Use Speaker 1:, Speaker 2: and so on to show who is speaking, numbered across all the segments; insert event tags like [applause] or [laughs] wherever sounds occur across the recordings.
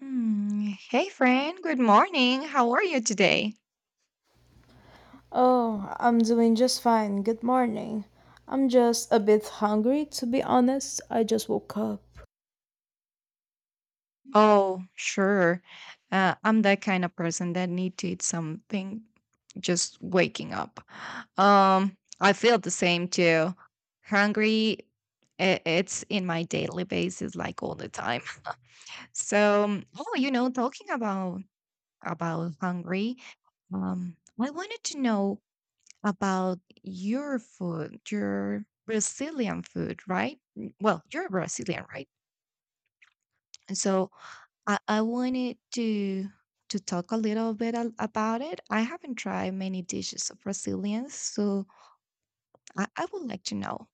Speaker 1: Hmm. Hey, friend. Good morning. How are you today?
Speaker 2: Oh, I'm doing just fine. Good morning. I'm just a bit hungry, to be honest. I just woke up.
Speaker 1: Oh, sure. I'm that kind of person that need to eat something just waking up. I feel the same too. Hungry. It's in my daily basis, like all the time. [laughs] You know, talking about hungry. I wanted to know about your food, your Brazilian food, right? Well, you're Brazilian, right? And so I wanted to talk a little bit about it. I haven't tried many dishes of Brazilians, so I would like to know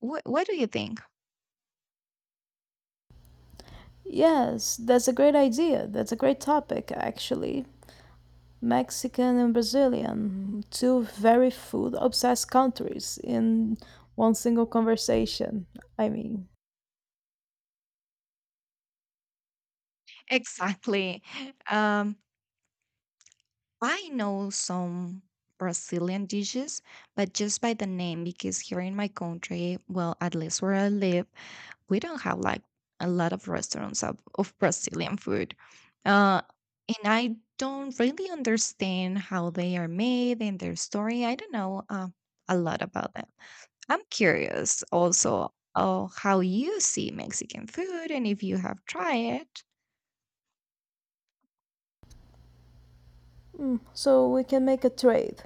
Speaker 1: what do you think
Speaker 2: Yes, that's a great idea. That's a great topic, actually. Mexican and Brazilian, two very food obsessed countries in one single conversation. I mean,
Speaker 1: [laughs] exactly? Um, I know some Brazilian dishes, but just by the name, because here in my country, well, at least where I live we don't have like a lot of restaurants of Brazilian food. Uh, and I don't really understand how they are made and their story. I don't know a lot about them. I'm curious also how you see Mexican food and if you have tried it.
Speaker 2: mm, so we can make a trade.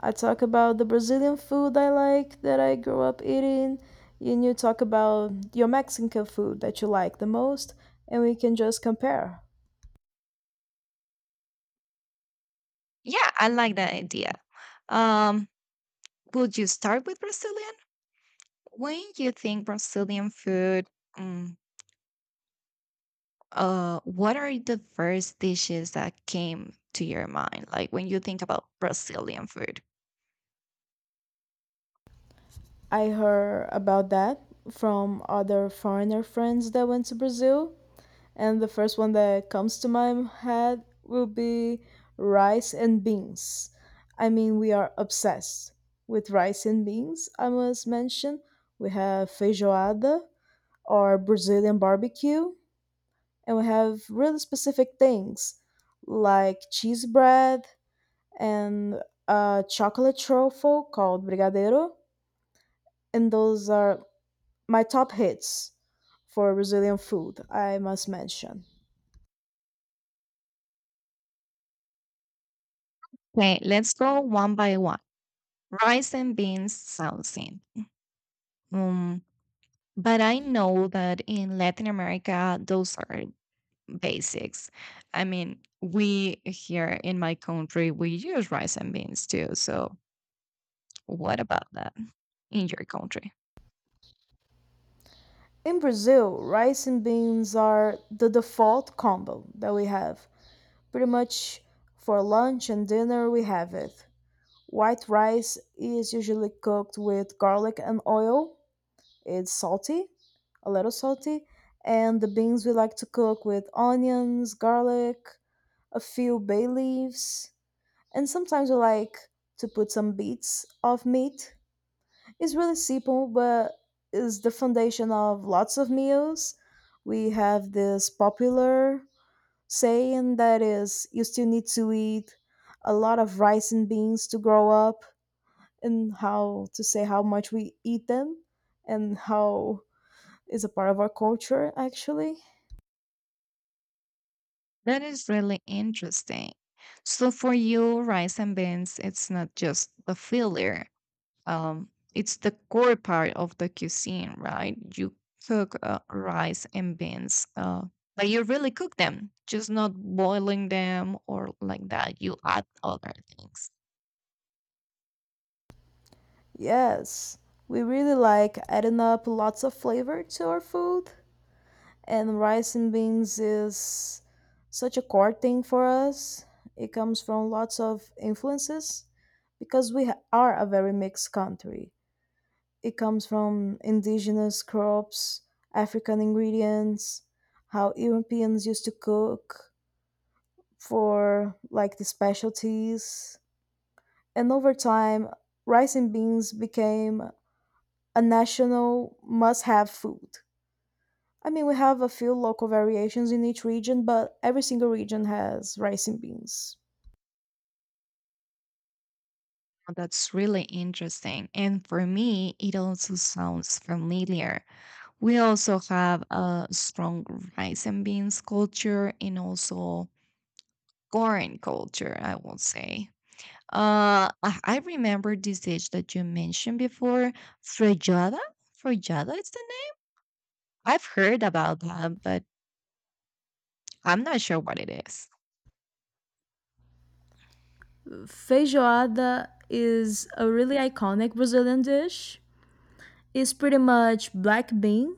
Speaker 2: I talk about the Brazilian food I like that I grew up eating, and you talk about your Mexican food that you like the most, and we can just compare.
Speaker 1: Yeah, I like that idea. Um, Would you start with Brazilian? When you think Brazilian food, mm, what are the first dishes that came to your mind? Like when you think about Brazilian food?
Speaker 2: I heard about that from other foreigner friends that went to Brazil, and the first one that comes to my head will be rice and beans. I mean, we are obsessed with rice and beans, I must mention. We have feijoada, or Brazilian barbecue, and we have really specific things like cheese bread and a chocolate truffle called brigadeiro, and those are my top hits for Brazilian food, I must mention.
Speaker 1: Okay, let's go one by one. Rice and beans saucing. Um, but I know that in Latin America, those are basics. I mean, we here in my country, we use rice and beans too. So, what about that in your country?
Speaker 2: In Brazil, rice and beans are the default combo that we have. Pretty much for lunch and dinner, we have it. White rice is usually cooked with garlic and oil. It's salty, a little salty, and the beans we like to cook with onions, garlic, a few bay leaves, and sometimes we like to put some bits of meat. It's really simple, but is the foundation of lots of meals. We have this popular saying that is, you still need to eat a lot of rice and beans to grow up, and how to say how much we eat them and how is a part of our culture actually.
Speaker 1: That is really interesting. So, for you, rice and beans, it's not just the filler, it's the core part of the cuisine, right? You cook rice and beans, but you really cook them, just not boiling them or like that. You add other things.
Speaker 2: Yes, we really like adding up lots of flavor to our food, and rice and beans is such a core thing for us. It comes from lots of influences because are a very mixed country. It comes from indigenous crops, African ingredients, how Europeans used to cook for like the specialties and over time, rice and beans became a national must have food. I mean, we have a few local variations in each region, but every single region has rice and beans.
Speaker 1: That's really interesting. And for me, it also sounds familiar. We also have a strong rice and beans culture and also corn culture, I would say. I remember this dish that you mentioned before, frijada? Frijada is the name? I've heard about that, but I'm not sure what it is.
Speaker 2: Feijoada is a really iconic Brazilian dish. It's pretty much black bean,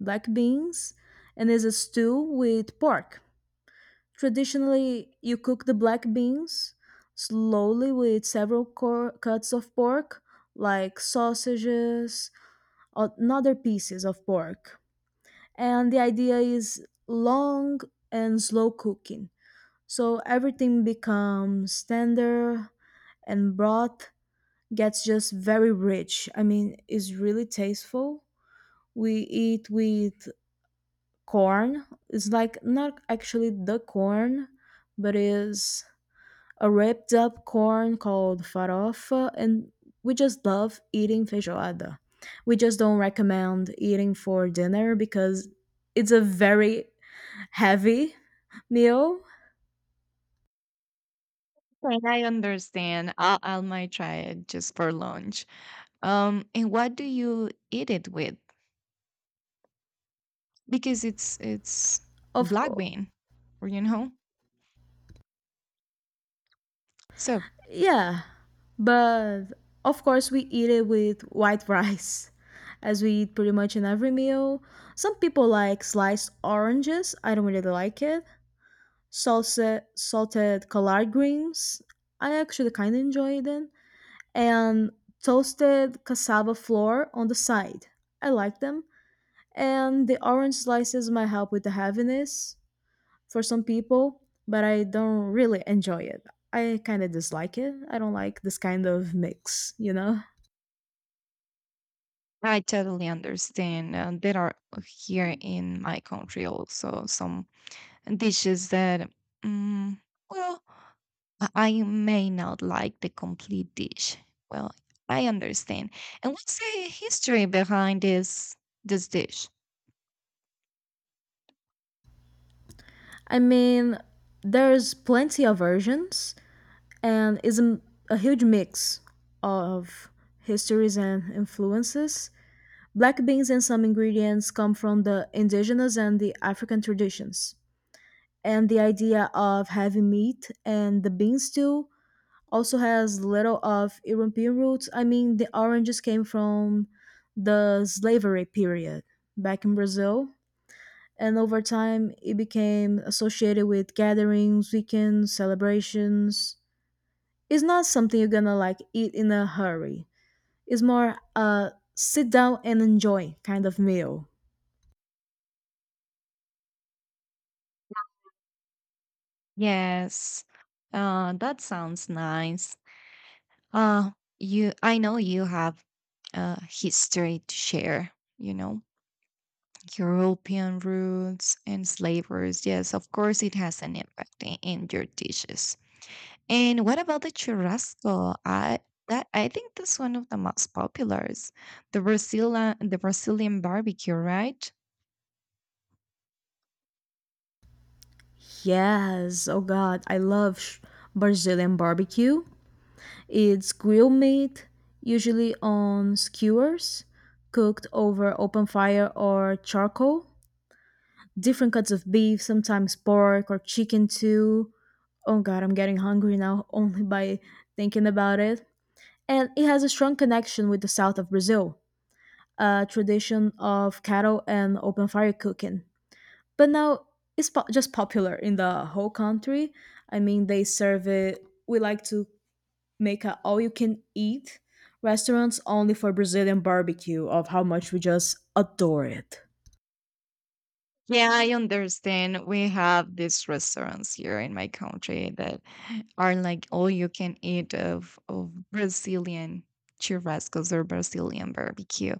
Speaker 2: black beans, and is a stew with pork. Traditionally, you cook the black beans slowly with several cuts of pork, like sausages, another pieces of pork. And the idea is long and slow cooking. So everything becomes tender and broth gets just very rich. I mean, it's really tasteful. We eat with corn. It's like not actually the corn, but is a ripped up corn called farofa, and we just love eating feijoada. We just don't recommend eating for dinner because it's a very heavy meal.
Speaker 1: Okay, I understand. I might try it just for lunch. And what do you eat it with? Because it's
Speaker 2: Of
Speaker 1: black
Speaker 2: course,
Speaker 1: bean, or you know. So
Speaker 2: yeah, but of course we eat it with white [laughs] rice, as we eat pretty much in every meal. Some people like sliced oranges. I don't really like it. Salsa, salted collard greens. I actually kind of enjoy them, and toasted cassava flour on the side. I like them. And the orange slices might help with the heaviness for some people, but I don't really enjoy it. I kind of dislike it. I don't like this kind of mix, you know?
Speaker 1: I totally understand. There are here in my country also some dishes that, mm well, I may not like the complete dish. Well, I understand. And what's the history behind this dish?
Speaker 2: I mean, there's plenty of versions, and it's a huge mix of histories and influences. Black beans and some ingredients come from the indigenous and the African traditions, and the idea of having meat and the bean stew also has little of European roots. I mean, the oranges came from the slavery period back in Brazil, and over time it became associated with gatherings, weekends, celebrations. It's not something you're gonna like eat in a hurry. It's more a sit down and enjoy kind of meal.
Speaker 1: Yes. That sounds nice. Uh, you, I know you have history to share, you know, European roots and slavers. Yes, of course, it has an impact in your dishes. And what about the churrasco? I That I think that's one of the most populars, the Brazilian barbecue, right?
Speaker 2: Yes, oh god, I love Brazilian barbecue. It's grilled meat, usually on skewers, cooked over open fire or charcoal. Different cuts of beef, sometimes pork or chicken too. Oh god, I'm getting hungry now [laughs] only by thinking about it. And it has a strong connection with the south of Brazil, a tradition of cattle and open fire cooking. But now just popular in the whole country. I mean, they serve it. We like to make a all you can eat restaurants only for Brazilian barbecue of how much we just adore it.
Speaker 1: Yeah, I understand. We have these restaurants here in my country that are like all you can eat of Brazilian churrascos or Brazilian barbecue.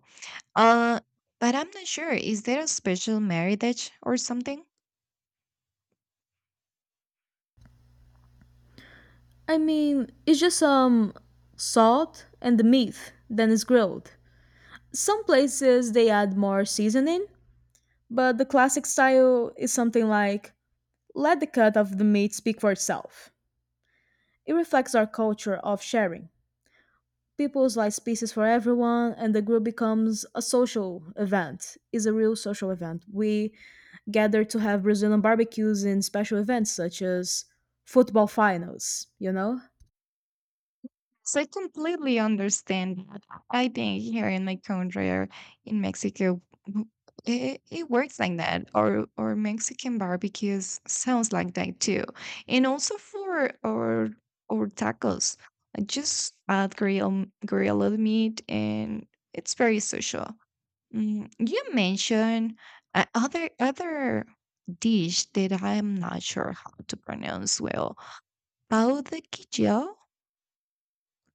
Speaker 1: Uh, but I'm not sure. Is there a special marriage or something?
Speaker 2: I mean, it's just salt and the meat then it's grilled. Some places they add more seasoning, but the classic style is something like let the cut of the meat speak for itself. It reflects our culture of sharing. People slice pieces for everyone and the group becomes a social event. Is a real social event. We gather to have brazilian barbecues in special events such as football finals, you know.
Speaker 1: So I completely understand that. I think here in my country or in Mexico, it, it works like that. Or Mexican barbecues sounds like that too. And also for our or tacos, I just add grilled meat, and it's very social. You mentioned other dish that I'm not sure how to pronounce well. Pau de quijao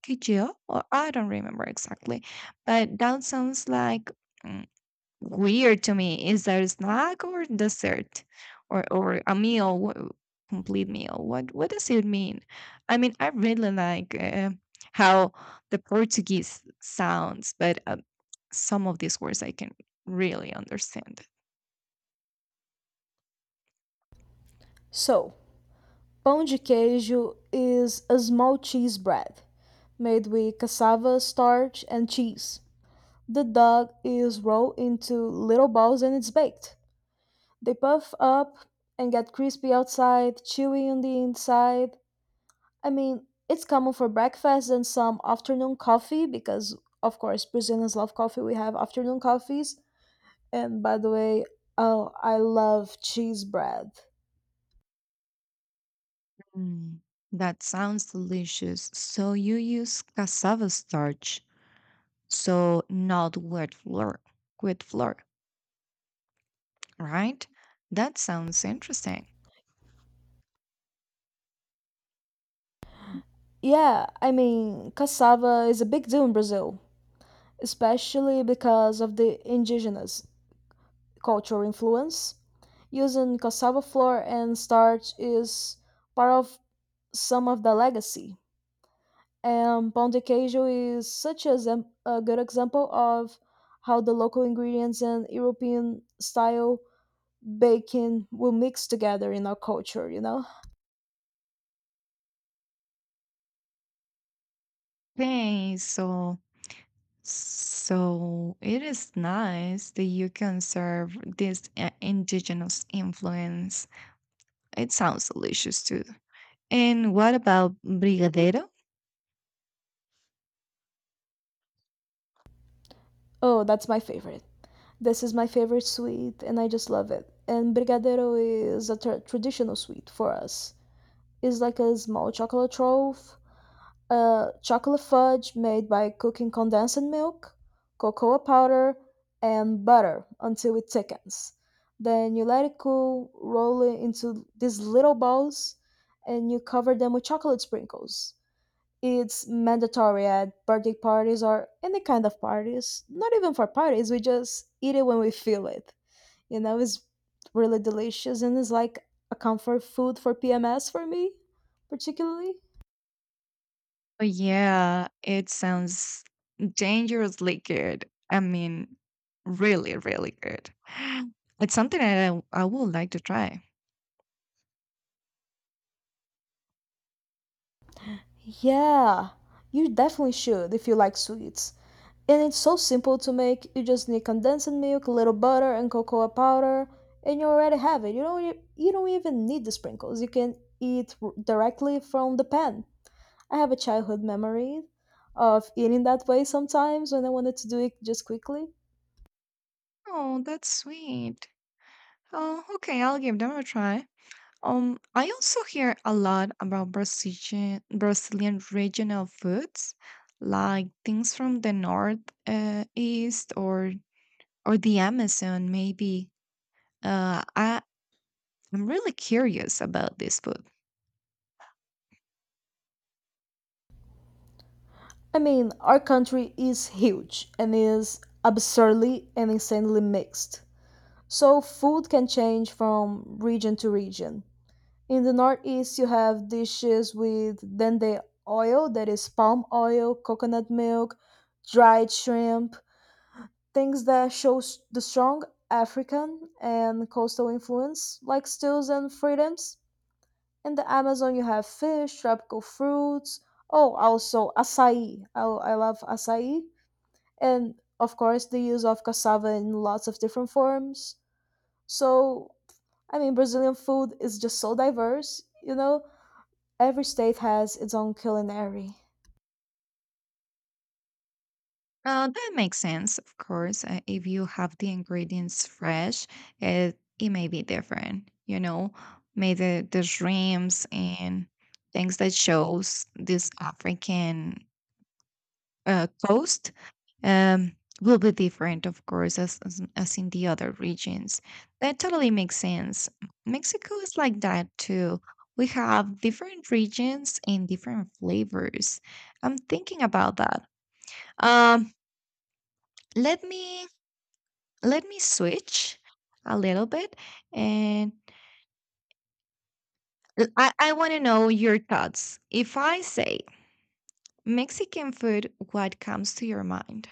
Speaker 1: Kyo? Well, I don't remember exactly, but that sounds like mm, weird to me. Is that a snack or dessert or a meal, complete meal? What does it mean? I mean, I really like how the Portuguese sounds, but some of these words I can really understand.
Speaker 2: So pão de queijo is a small cheese bread made with cassava starch and cheese. The dough is rolled into little balls and it's baked. They puff up and get crispy outside, chewy on the inside. I mean, it's common for breakfast and some afternoon coffee because, of course, Brazilians love coffee. We have afternoon coffees. And by the way, oh, I love cheese bread.
Speaker 1: Mm, that sounds delicious. So you use cassava starch, so not wheat flour, wheat flour, right? That sounds interesting.
Speaker 2: Yeah, I mean, cassava is a big deal in Brazil, especially because of the indigenous cultural influence. Using cassava flour and starch is part of some of the legacy. And pão de queijo is such a, a good example of how the local ingredients and European style baking will mix together in our culture, you know?
Speaker 1: Okay, so So it is nice that you can serve this indigenous influence. It sounds delicious too. And what about brigadero?
Speaker 2: Oh, that's my favorite. This is my favorite sweet, and I just love it. And brigadeiro is a traditional sweet for us. It's like a small chocolate trove, chocolate fudge made by cooking condensed milk, cocoa powder, and butter until it thickens. Then you let it cool, roll it into these little balls, and you cover them with chocolate sprinkles. It's mandatory at birthday parties or any kind of parties. Not even for parties, we just eat it when we feel it. You know, it's really delicious and it's like a comfort food for PMS for me, particularly.
Speaker 1: Oh, yeah, it sounds dangerously good. I mean, really, really good. [gasps] [sighs] It's something that I would like to try.
Speaker 2: Yeah, you definitely should if you like sweets. And it's so simple to make. You just need condensed milk, a little butter, and cocoa powder, and you already have it. You don't even need the sprinkles. You can eat directly from the pan. I have a childhood memory of eating that way sometimes when I wanted to do it just quickly.
Speaker 1: Oh, that's sweet. Oh, okay, I'll give them a try. I also hear a lot about Brazilian regional foods, like things from the north east or the Amazon, maybe. Uh, I I'm really curious about this food.
Speaker 2: I mean, our country is huge and is absurdly and insanely mixed. So food can change from region to region. In the northeast, you have dishes with dende oil, that is palm oil, coconut milk, dried shrimp, things that shows the strong African and coastal influence, like stews and fritters. In the Amazon, you have fish, tropical fruits. Oh, also acai. I love acai. And of course, the use of cassava in lots of different forms. So, I mean, Brazilian food is just so diverse, you know? Every state has its own culinary.
Speaker 1: That makes sense, of course. If you have the ingredients fresh, it may be different. You know, maybe the shrimps and things that shows this African coast um, will be different, of course, as in the other regions. That totally makes sense. Mexico is like that too. We have different regions and different flavors. I'm thinking about that. Um, let me Let me switch a little bit, and I want to know your thoughts. If I say Mexican food, what comes to your mind?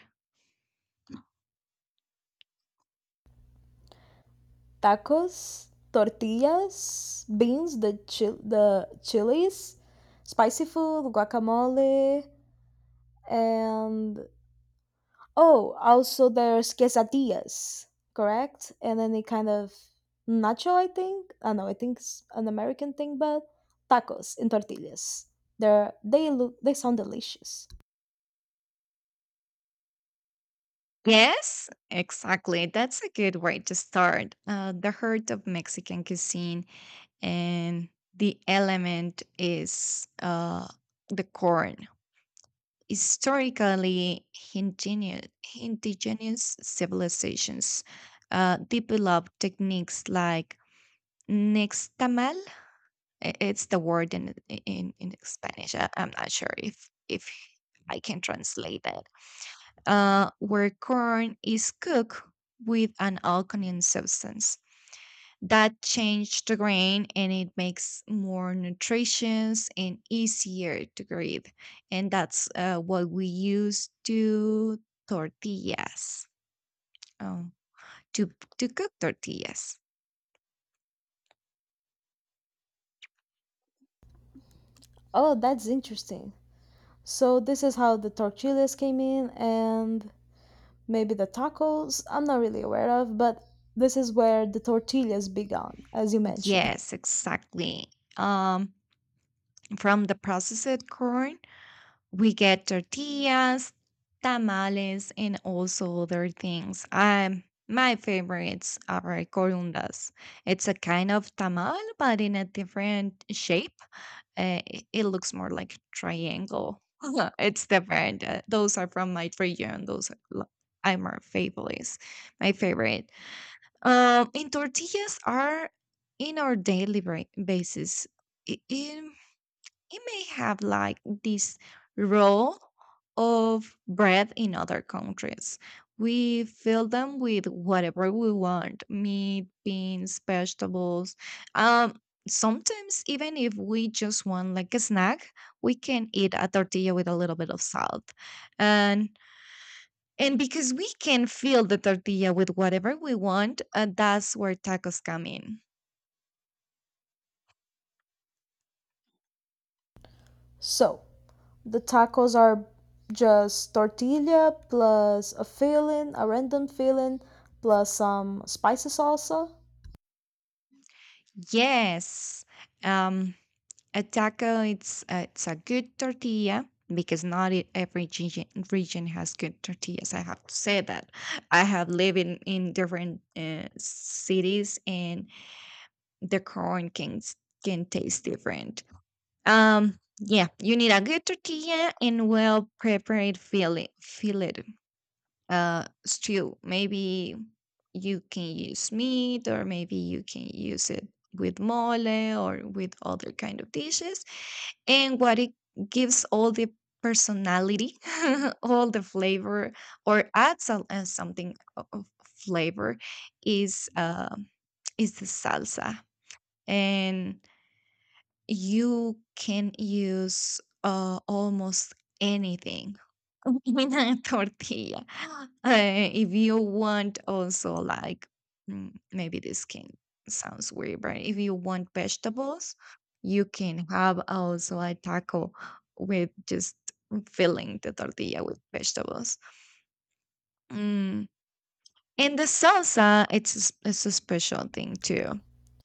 Speaker 2: Tacos, tortillas, beans, the chilies, spicy food, guacamole, and oh, also there's quesadillas, correct? And any kind of nacho, I think. I know, I think it's an American thing, but tacos and tortillas. They're they look they sound delicious.
Speaker 1: Yes, exactly. That's a good way to start. The heart of Mexican cuisine and the element is the corn. Historically, indigenous, indigenous civilizations developed techniques like nixtamal. It's the word in in Spanish. I'm not sure if I can translate that where corn is cooked with an alkaline substance that changes the grain and it makes more nutritious and easier to grab. And that's what we use to tortillas, um, to, to cook tortillas.
Speaker 2: Oh, that's interesting. So this is how the tortillas came in and maybe the tacos. I'm not really aware of, but this is where the tortillas began, as you mentioned.
Speaker 1: Yes, exactly. Um, From the processed corn, we get tortillas, tamales, and also other things. My favorites are corundas. It's a kind of tamal, but in a different shape. It looks more like a triangle. [laughs] It's different. Those are from my region. Are my favorites. My favorite. And tortillas are in our daily basis. I- in it may have like this roll of bread in other countries. We fill them with whatever we want meat, beans, vegetables. Um, Sometimes, even if we just want like a snack, we can eat a tortilla with a little bit of salt. And and because we can fill the tortilla with whatever we want, that's where tacos come in.
Speaker 2: So the tacos are just tortilla plus a filling, a random filling, plus some spicy salsa.
Speaker 1: Yes. Um, A taco, it's a good tortilla because not every region has good tortillas. I have to say that. I have lived in different cities and the corn can can taste different. Yeah, you need a good tortilla and well prepared fillet. Fillet stew. Maybe you can use meat, or maybe you can use it with mole or with other kind of dishes. And what it gives all the personality, [laughs] all the flavor, something of flavor is uh, is the salsa. And you can use almost anything [laughs] in a tortilla. Uh, if you want, also, like, maybe this can sounds weird, but if you want vegetables, you can have also a taco with just filling the tortilla with vegetables. Mm. And the salsa, it's a special thing too.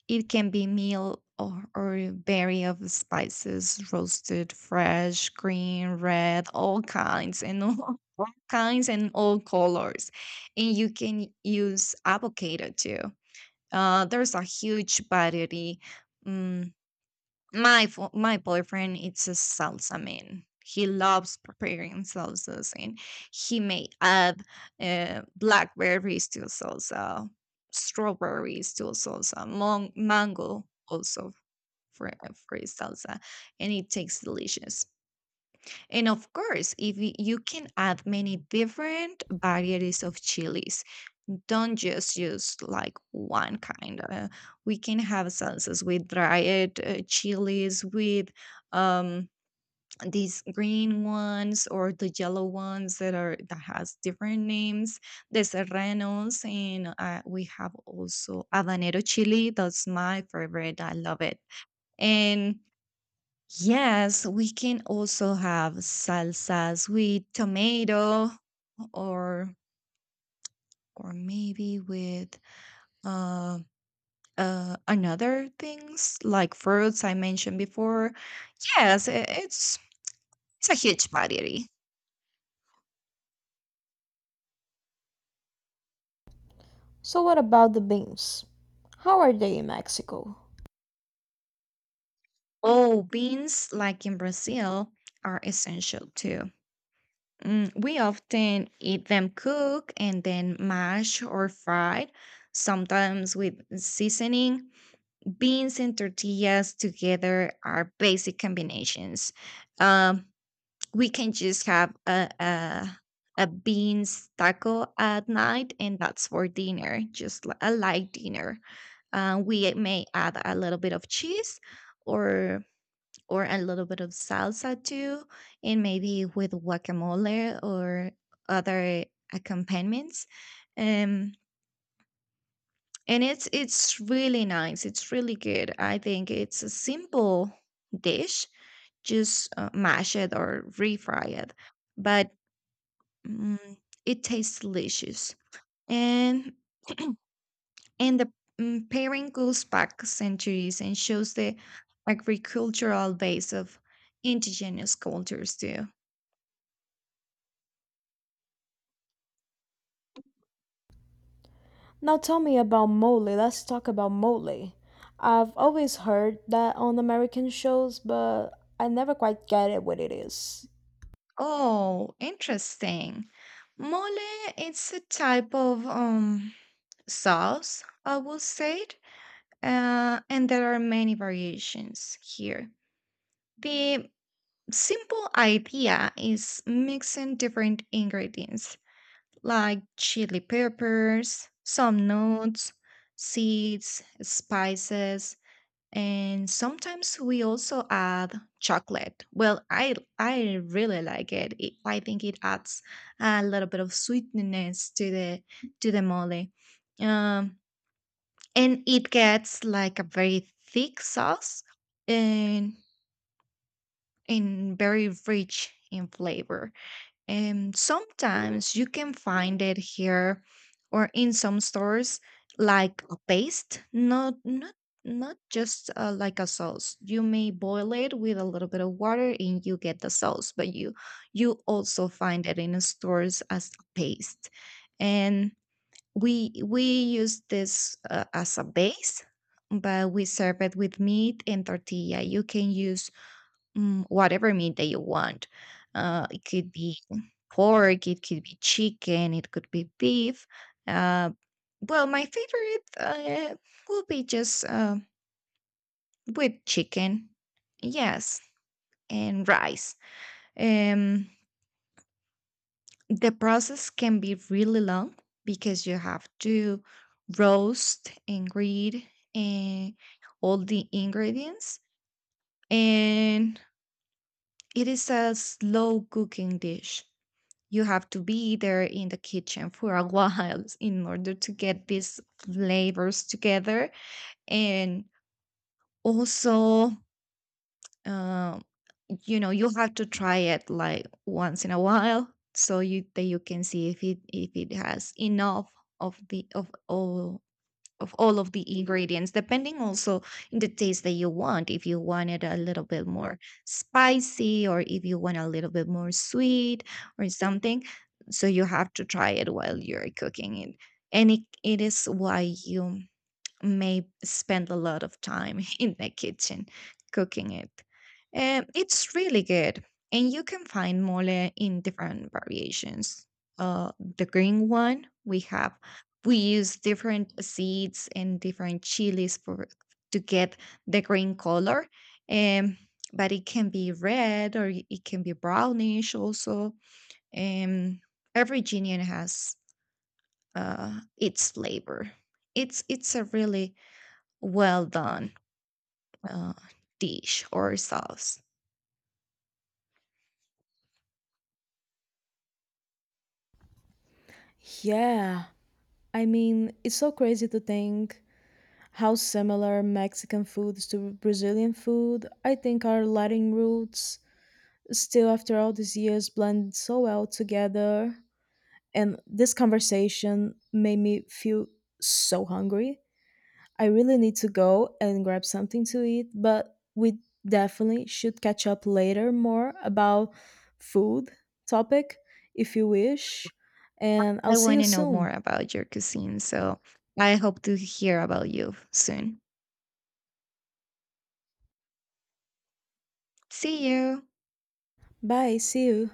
Speaker 1: It can be meal or berry of spices, roasted, fresh, green, red, all kinds and all, [laughs] all kinds and all colors. And you can use avocado too. There's a huge variety. mm, my boyfriend it's a salsa man. He loves preparing salsas, and he may add blackberries to salsa, strawberries to salsa, mango also for his salsa, and it tastes delicious. And of course, if y- you can add many different varieties of chilies, don't just use like one kind. We can have sauces with dried chilies, with um, these green ones or the yellow ones that has different names. The serranos, and we have also habanero chili. That's my favorite. I love it. And yes, we can also have salsas with tomato or or maybe with. Uh, Another things like fruits I mentioned before. Yes, i- it's it's a huge variety.
Speaker 2: So what about the beans? How are they in Mexico?
Speaker 1: Oh, beans, like in Brazil, are essential too. We often eat them cooked and then mashed or fried, sometimes with seasoning. Beans and tortillas together are basic combinations. Um, we can just have a beans taco at night, and that's for dinner, just a light dinner. We may add a little bit of cheese, or or a little bit of salsa too, and maybe with guacamole or other accompaniments. Um, and It's really nice. It's really good. I think it's a simple dish. Just mash it or refry it, but Mm, it tastes delicious, and and the pairing goes back centuries and shows the agricultural base of indigenous cultures too.
Speaker 2: Now tell me about mole. Let's talk about mole. I've always heard that on American shows, but I never quite get it what it is.
Speaker 1: Oh, interesting. Mole, it's a type of sauce, I will say it. And there are many variations here. The simple idea is mixing different ingredients like chili peppers, some nuts, seeds, spices, and sometimes we also add chocolate. Well, I really like it. I think it adds a little bit of sweetness to the mole. Um, and it gets like a very thick sauce and. and very rich in flavor. And sometimes you can find it here or in some stores like a paste, not just like a sauce. You may boil it with a little bit of water and you get the sauce, but you also find it in stores as a paste. And we use this as a base, but we serve it with meat and tortilla. You can use whatever meat that you want. It could be pork, it could be chicken, it could be beef. Uh, well, my favorite uh, will be just whipped chicken. Yes, and rice. Um, the process can be really long because you have to roast and grate and all the ingredients, and it is a slow cooking dish you have to be there in the kitchen for a while [laughs] in order to get these flavors together and also uh, you know you have to try it like once in a while so you that you can see if it has enough of all of all of the ingredients, depending also in the taste that you want. If you want it a little bit more spicy, or if you want a little bit more sweet, or something, so you have to try it while you're cooking it, and it is why you may spend a lot of time [laughs] in the kitchen cooking it. It's really good, and you can find mole in different variations. Uh, the green one we have, we use different seeds and different chilies for to get the green color. Um, but it can be red or it can be brownish also. Um, every genian has its flavor. It's a really well done uh, dish or sauce.
Speaker 2: Yeah. I mean, it's so crazy to think how similar Mexican foods to Brazilian food. I think our Latin roots still, after all these years, blend so well together. And this conversation made me feel so hungry. I really need to go and grab something to eat, but we definitely should catch up later more about food topic if you wish. And I'll
Speaker 1: I
Speaker 2: see
Speaker 1: want
Speaker 2: you
Speaker 1: to know more
Speaker 2: soon.
Speaker 1: about your cuisine, so I hope to hear about you soon. See you.
Speaker 2: Bye, see you.